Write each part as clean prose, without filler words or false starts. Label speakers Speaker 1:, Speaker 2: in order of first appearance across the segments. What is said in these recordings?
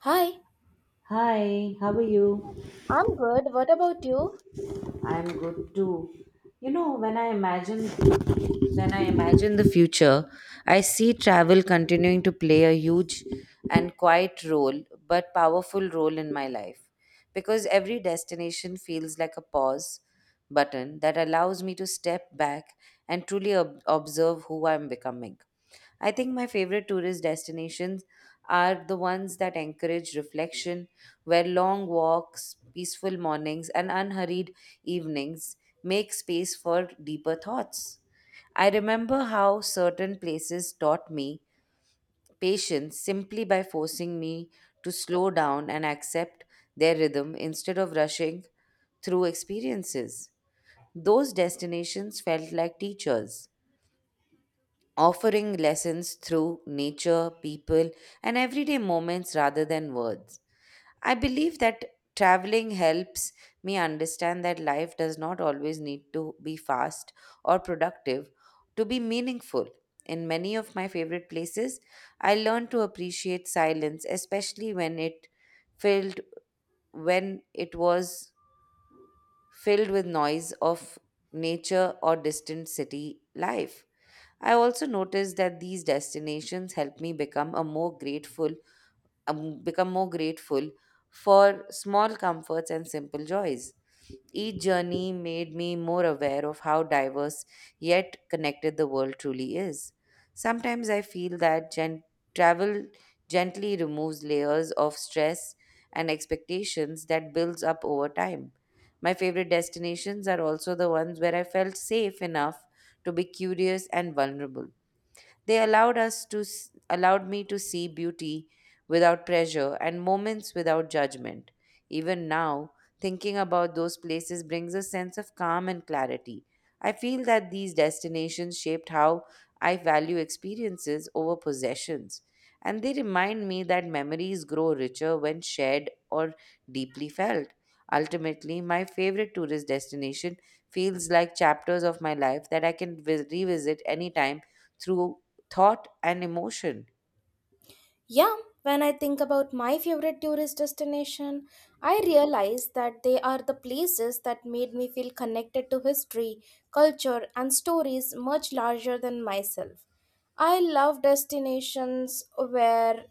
Speaker 1: Hi.
Speaker 2: Hi, how are you?
Speaker 1: I'm good. What about you?
Speaker 2: I'm good too. You know, when I imagine the future, I see travel continuing to play a huge and quiet role, but powerful role in my life. Because every destination feels like a pause button that allows me to step back and truly observe who I'm becoming. I think my favorite tourist destinations are the ones that encourage reflection, where long walks, peaceful mornings, and unhurried evenings make space for deeper thoughts. I remember how certain places taught me patience simply by forcing me to slow down and accept their rhythm instead of rushing through experiences. Those destinations felt like teachers offering lessons through nature, people, and everyday moments rather than words. I believe that traveling helps me understand that life does not always need to be fast or productive to be meaningful. In many of my favorite places, I learned to appreciate silence, especially filled when it was filled with noise of nature or distant city life. I also noticed that these destinations help me become more grateful for small comforts and simple joys. Each journey made me more aware of how diverse yet connected the world truly is. Sometimes I feel that travel gently removes layers of stress and expectations that builds up over time. My favorite destinations are also the ones where I felt safe enough to be curious and vulnerable. They allowed us to s- allowed me to see beauty without pressure and moments without judgment. Even now, thinking about those places brings a sense of calm and clarity. I feel that these destinations shaped how I value experiences over possessions, and they remind me that memories grow richer when shared or deeply felt. Ultimately, my favorite tourist destination feels like chapters of my life that I can revisit anytime through thought and emotion.
Speaker 1: Yeah, when I think about my favorite tourist destination, I realize that they are the places that made me feel connected to history, culture, and stories much larger than myself. I love destinations where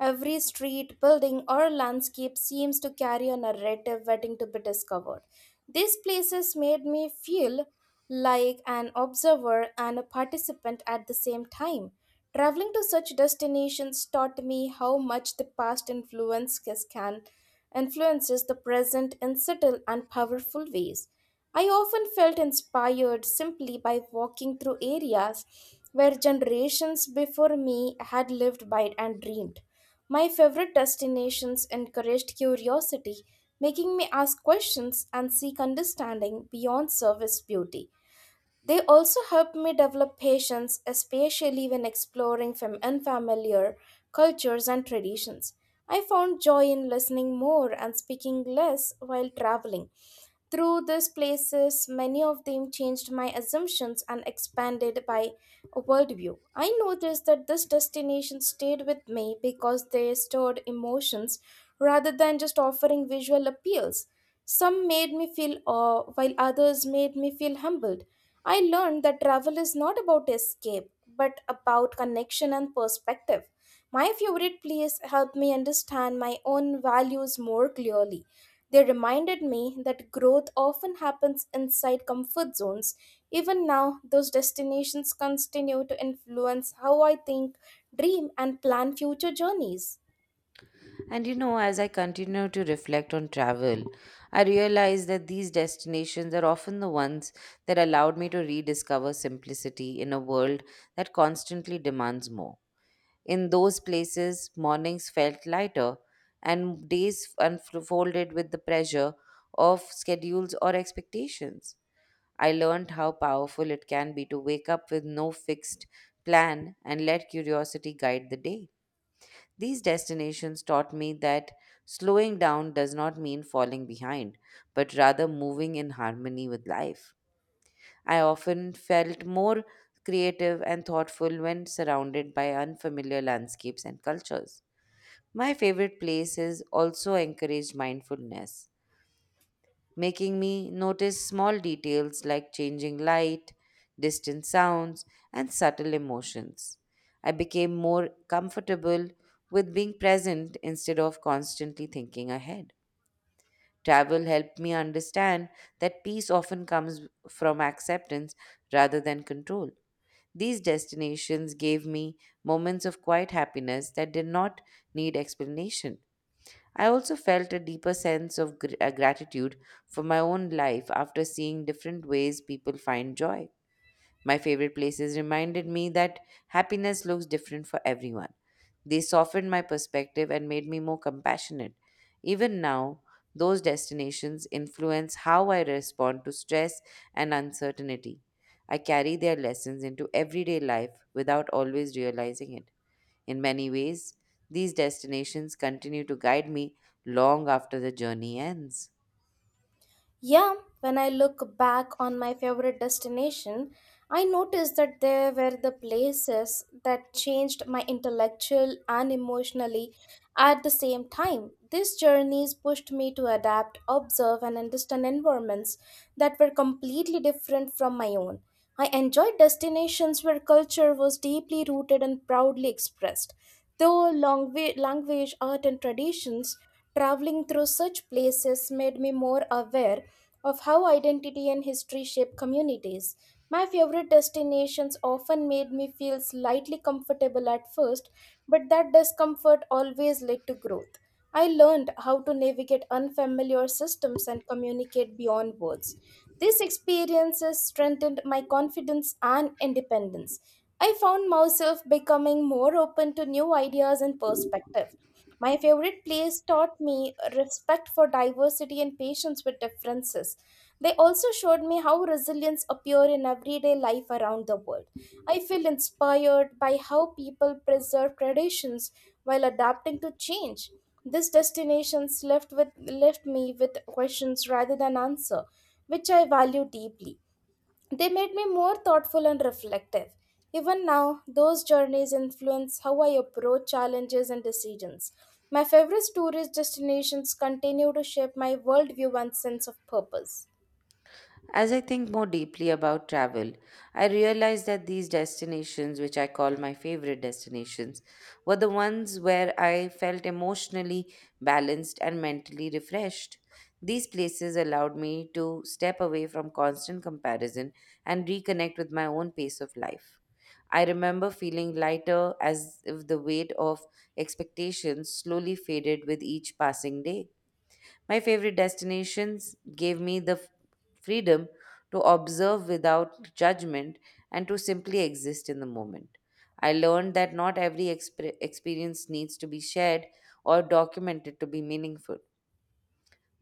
Speaker 1: every street, building, or landscape seems to carry a narrative waiting to be discovered. These places made me feel like an observer and a participant at the same time. Traveling to such destinations taught me how much the past influences the present in subtle and powerful ways. I often felt inspired simply by walking through areas where generations before me had lived by and dreamed. My favorite destinations encouraged curiosity, making me ask questions and seek understanding beyond surface beauty. They also helped me develop patience, especially when exploring from unfamiliar cultures and traditions. I found joy in listening more and speaking less while traveling. Through these places, many of them changed my assumptions and expanded my worldview. I noticed that this destination stayed with me because they stored emotions rather than just offering visual appeals. Some made me feel awe, while others made me feel humbled. I learned that travel is not about escape, but about connection and perspective. My favorite place helped me understand my own values more clearly. They reminded me that growth often happens inside comfort zones. Even now, those destinations continue to influence how I think, dream, and plan future journeys.
Speaker 2: And you know, as I continue to reflect on travel, I realize that these destinations are often the ones that allowed me to rediscover simplicity in a world that constantly demands more. In those places, mornings felt lighter and days unfolded with the pressure of schedules or expectations. I learned how powerful it can be to wake up with no fixed plan and let curiosity guide the day. These destinations taught me that slowing down does not mean falling behind, but rather moving in harmony with life. I often felt more creative and thoughtful when surrounded by unfamiliar landscapes and cultures. My favorite places also encourage mindfulness, making me notice small details like changing light, distant sounds, and subtle emotions. I became more comfortable with being present instead of constantly thinking ahead. Travel helped me understand that peace often comes from acceptance rather than control. These destinations gave me moments of quiet happiness that did not need explanation. I also felt a deeper sense of gratitude for my own life after seeing different ways people find joy. My favorite places reminded me that happiness looks different for everyone. They softened my perspective and made me more compassionate. Even now, those destinations influence how I respond to stress and uncertainty. I carry their lessons into everyday life without always realizing it. In many ways, these destinations continue to guide me long after the journey ends.
Speaker 1: Yeah, when I look back on my favorite destination, I noticed that there were the places that changed my intellectual and emotionally at the same time. These journeys pushed me to adapt, observe, and understand environments that were completely different from my own. I enjoyed destinations where culture was deeply rooted and proudly expressed. Though language, art, and traditions, traveling through such places made me more aware of how identity and history shape communities. My favorite destinations often made me feel slightly comfortable at first, but that discomfort always led to growth. I learned how to navigate unfamiliar systems and communicate beyond words. These experiences strengthened my confidence and independence. I found myself becoming more open to new ideas and perspectives. My favorite place taught me respect for diversity and patience with differences. They also showed me how resilience appears in everyday life around the world. I feel inspired by how people preserve traditions while adapting to change. These destinations left me with questions rather than answer, which I value deeply. They made me more thoughtful and reflective. Even now, those journeys influence how I approach challenges and decisions. My favorite tourist destinations continue to shape my worldview and sense of purpose.
Speaker 2: As I think more deeply about travel, I realize that these destinations, which I call my favorite destinations, were the ones where I felt emotionally balanced and mentally refreshed. These places allowed me to step away from constant comparison and reconnect with my own pace of life. I remember feeling lighter as if the weight of expectations slowly faded with each passing day. My favorite destinations gave me the freedom to observe without judgment and to simply exist in the moment. I learned that not every experience needs to be shared or documented to be meaningful.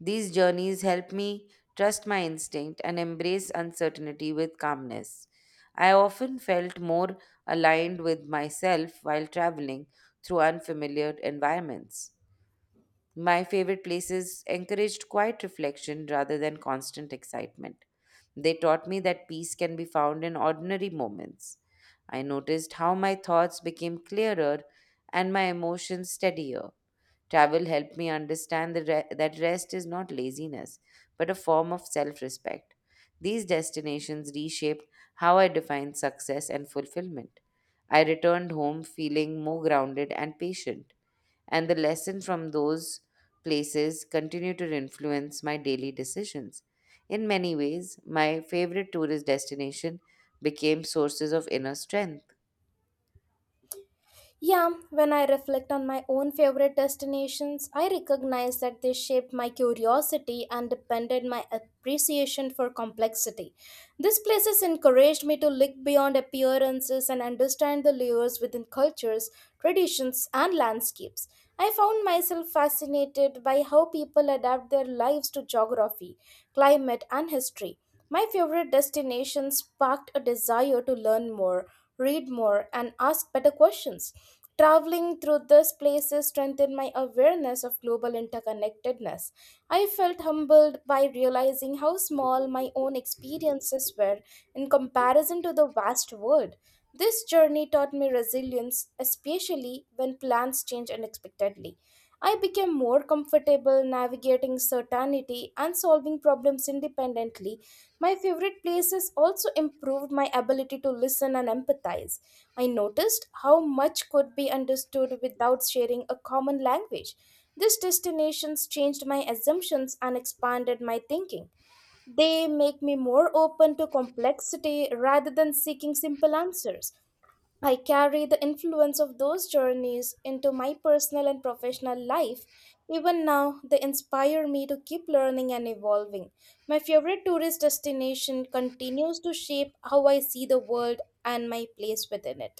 Speaker 2: These journeys help me trust my instinct and embrace uncertainty with calmness. I often felt more aligned with myself while traveling through unfamiliar environments. My favorite places encouraged quiet reflection rather than constant excitement. They taught me that peace can be found in ordinary moments. I noticed how my thoughts became clearer and my emotions steadier. Travel helped me understand that rest is not laziness, but a form of self respect. These destinations reshaped how I defined success and fulfillment. I returned home feeling more grounded and patient, and the lesson from those places continue to influence my daily decisions. In many ways, my favorite tourist destination became sources of inner strength.
Speaker 1: Yeah, when I reflect on my own favorite destinations, I recognize that they shaped my curiosity and depended my appreciation for complexity. These places encouraged me to look beyond appearances and understand the layers within cultures, traditions, and landscapes. I found myself fascinated by how people adapt their lives to geography, climate, and history. My favorite destinations sparked a desire to learn more read more, and ask better questions. Traveling through these places strengthened my awareness of global interconnectedness. I felt humbled by realizing how small my own experiences were in comparison to the vast world. This journey taught me resilience, especially when plans change unexpectedly. I became more comfortable navigating certainty and solving problems independently my favorite places also improved my ability to listen and empathize. I noticed how much could be understood without sharing a common language. These destinations changed my assumptions and expanded my thinking. They make me more open to complexity rather than seeking simple answers. I carry the influence of those journeys into my personal and professional life. Even now, they inspire me to keep learning and evolving. My favorite tourist destination continues to shape how I see the world and my place within it.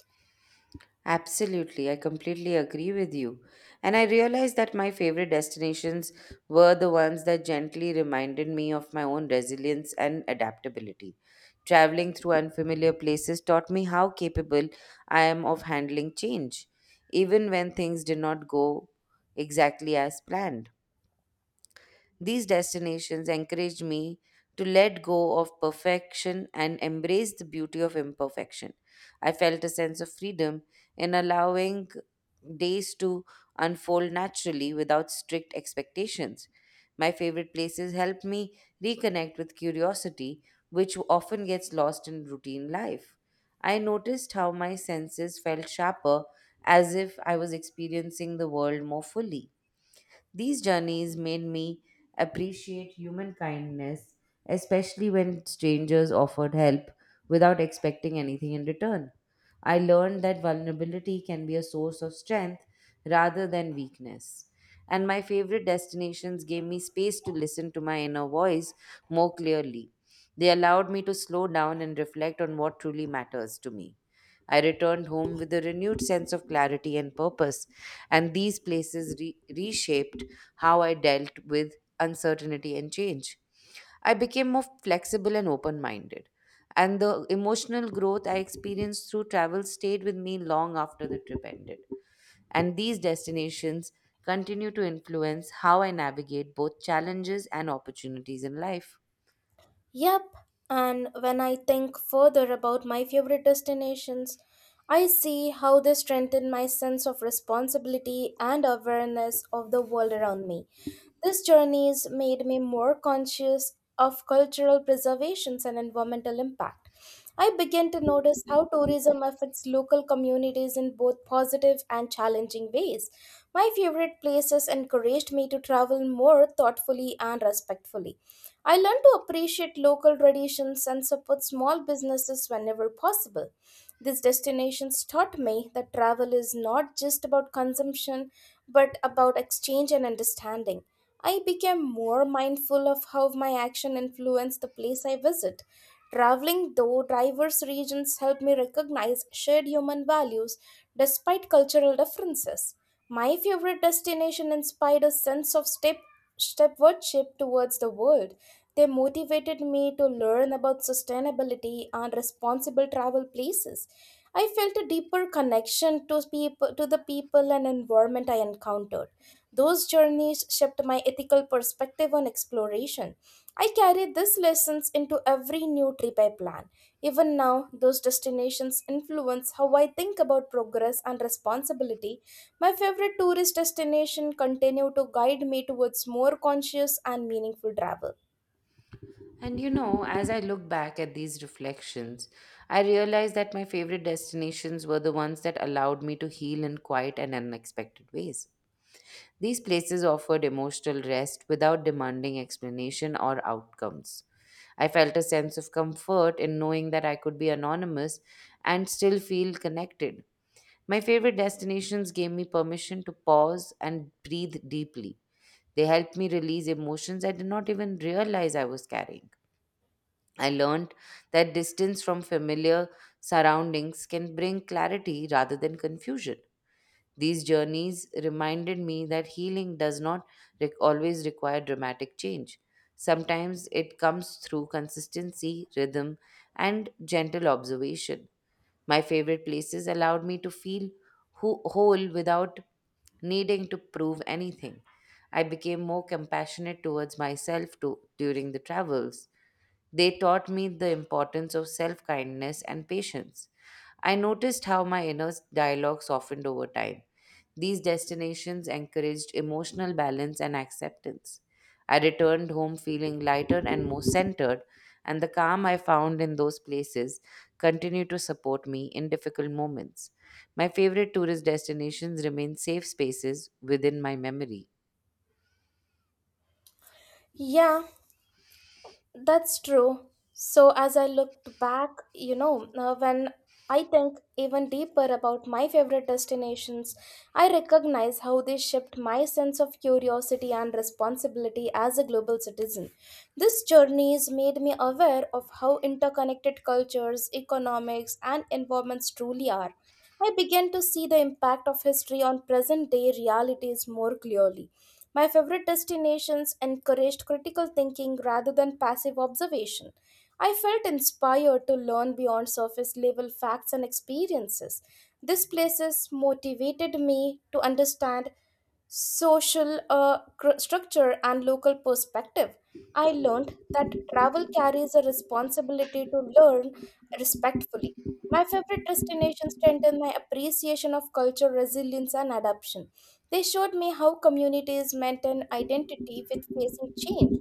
Speaker 2: Absolutely, I completely agree with you. And I realized that my favorite destinations were the ones that gently reminded me of my own resilience and adaptability. Traveling through unfamiliar places taught me how capable I am of handling change, even when things did not go exactly as planned. These destinations encouraged me to let go of perfection and embrace the beauty of imperfection. I felt a sense of freedom in allowing days to unfold naturally without strict expectations. My favorite places help me reconnect with curiosity, which often gets lost in routine life. I noticed how my senses felt sharper as if I was experiencing the world more fully. These journeys made me appreciate human kindness, especially when strangers offered help without expecting anything in return. I learned that vulnerability can be a source of strength rather than weakness. And my favorite destinations gave me space to listen to my inner voice more clearly. They allowed me to slow down and reflect on what truly matters to me. I returned home with a renewed sense of clarity and purpose, and these places reshaped how I dealt with uncertainty and change. I became more flexible and open minded. And the emotional growth I experienced through travel stayed with me long after the trip ended. And these destinations continue to influence how I navigate both challenges and opportunities in life.
Speaker 1: Yep, and when I think further about my favorite destinations, I see how they strengthen my sense of responsibility and awareness of the world around me. This journey has made me more conscious of cultural preservations and environmental impact. I began to notice how tourism affects local communities in both positive and challenging ways. My favorite places encouraged me to travel more thoughtfully and respectfully. I learned to appreciate local traditions and support small businesses whenever possible. These destinations taught me that travel is not just about consumption, but about exchange and understanding. I became more mindful of how my action influenced the place I visit. Traveling through diverse regions helped me recognize shared human values despite cultural differences. My favorite destination inspired a sense of stepward shift towards the world. They motivated me to learn about sustainability and responsible travel places. I felt a deeper connection to the people and environment I encountered. Those journeys shaped my ethical perspective on exploration. I carry these lessons into every new trip I plan. Even now, those destinations influence how I think about progress and responsibility my favorite tourist destination continue to guide me towards more conscious and meaningful travel.
Speaker 2: And you know, as I look back at these reflections, I realize that my favorite destinations were the ones that allowed me to heal in quiet and unexpected ways. These places offered emotional rest without demanding explanation or outcomes. I felt a sense of comfort in knowing that I could be anonymous and still feel connected. My favorite destinations gave me permission to pause and breathe deeply. They helped me release emotions I did not even realize I was carrying. I learned that distance from familiar surroundings can bring clarity rather than confusion. These journeys reminded me that healing does not always require dramatic change. Sometimes it comes through consistency, rhythm, and gentle observation. My favorite places allowed me to feel whole without needing to prove anything. I became more compassionate towards myself to, during the travels. They taught me the importance of self kindness and patience. I noticed how my inner dialogue softened over time. These destinations encouraged emotional balance and acceptance. I returned home feeling lighter and more centered, and the calm I found in those places continue to support me in difficult moments. My favorite tourist destinations remain safe spaces within my memory.
Speaker 1: Yeah, that's true. So as I looked back, when I think even deeper about my favorite destinations, I recognize how they shaped my sense of curiosity and responsibility as a global citizen. This journey has made me aware of how interconnected cultures, economics, and environments truly are. I began to see the impact of history on present day realities more clearly. My favorite destinations encouraged critical thinking rather than passive observation. I felt inspired to learn beyond surface level facts and experiences. These places motivated me to understand social structure and local perspective. I learned that travel carries a responsibility to learn respectfully. My favorite destinations strengthened my appreciation of culture, resilience, and adaptation. They showed me how communities maintain identity with facing change.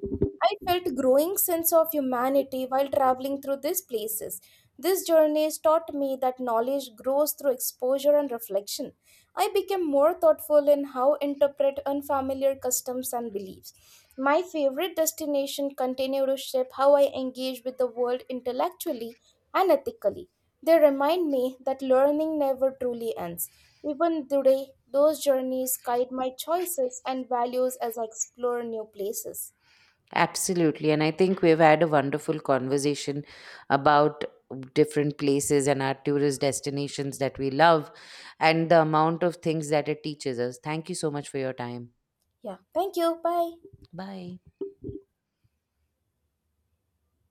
Speaker 1: I felt growing sense of humanity while traveling through these places. These journeys taught me that knowledge grows through exposure and reflection. I became more thoughtful in how interpret unfamiliar customs and beliefs. My favorite destination continue to shape how I engage with the world intellectually and ethically. They remind me that learning never truly ends. Even today, those journeys guide my choices and values as I explore new places.
Speaker 2: Absolutely. And I think we've had a wonderful conversation about different places and our tourist destinations that we love and the amount of things that it teaches us. Thank you so much for your time.
Speaker 1: Yeah. Thank you. Bye.
Speaker 2: Bye.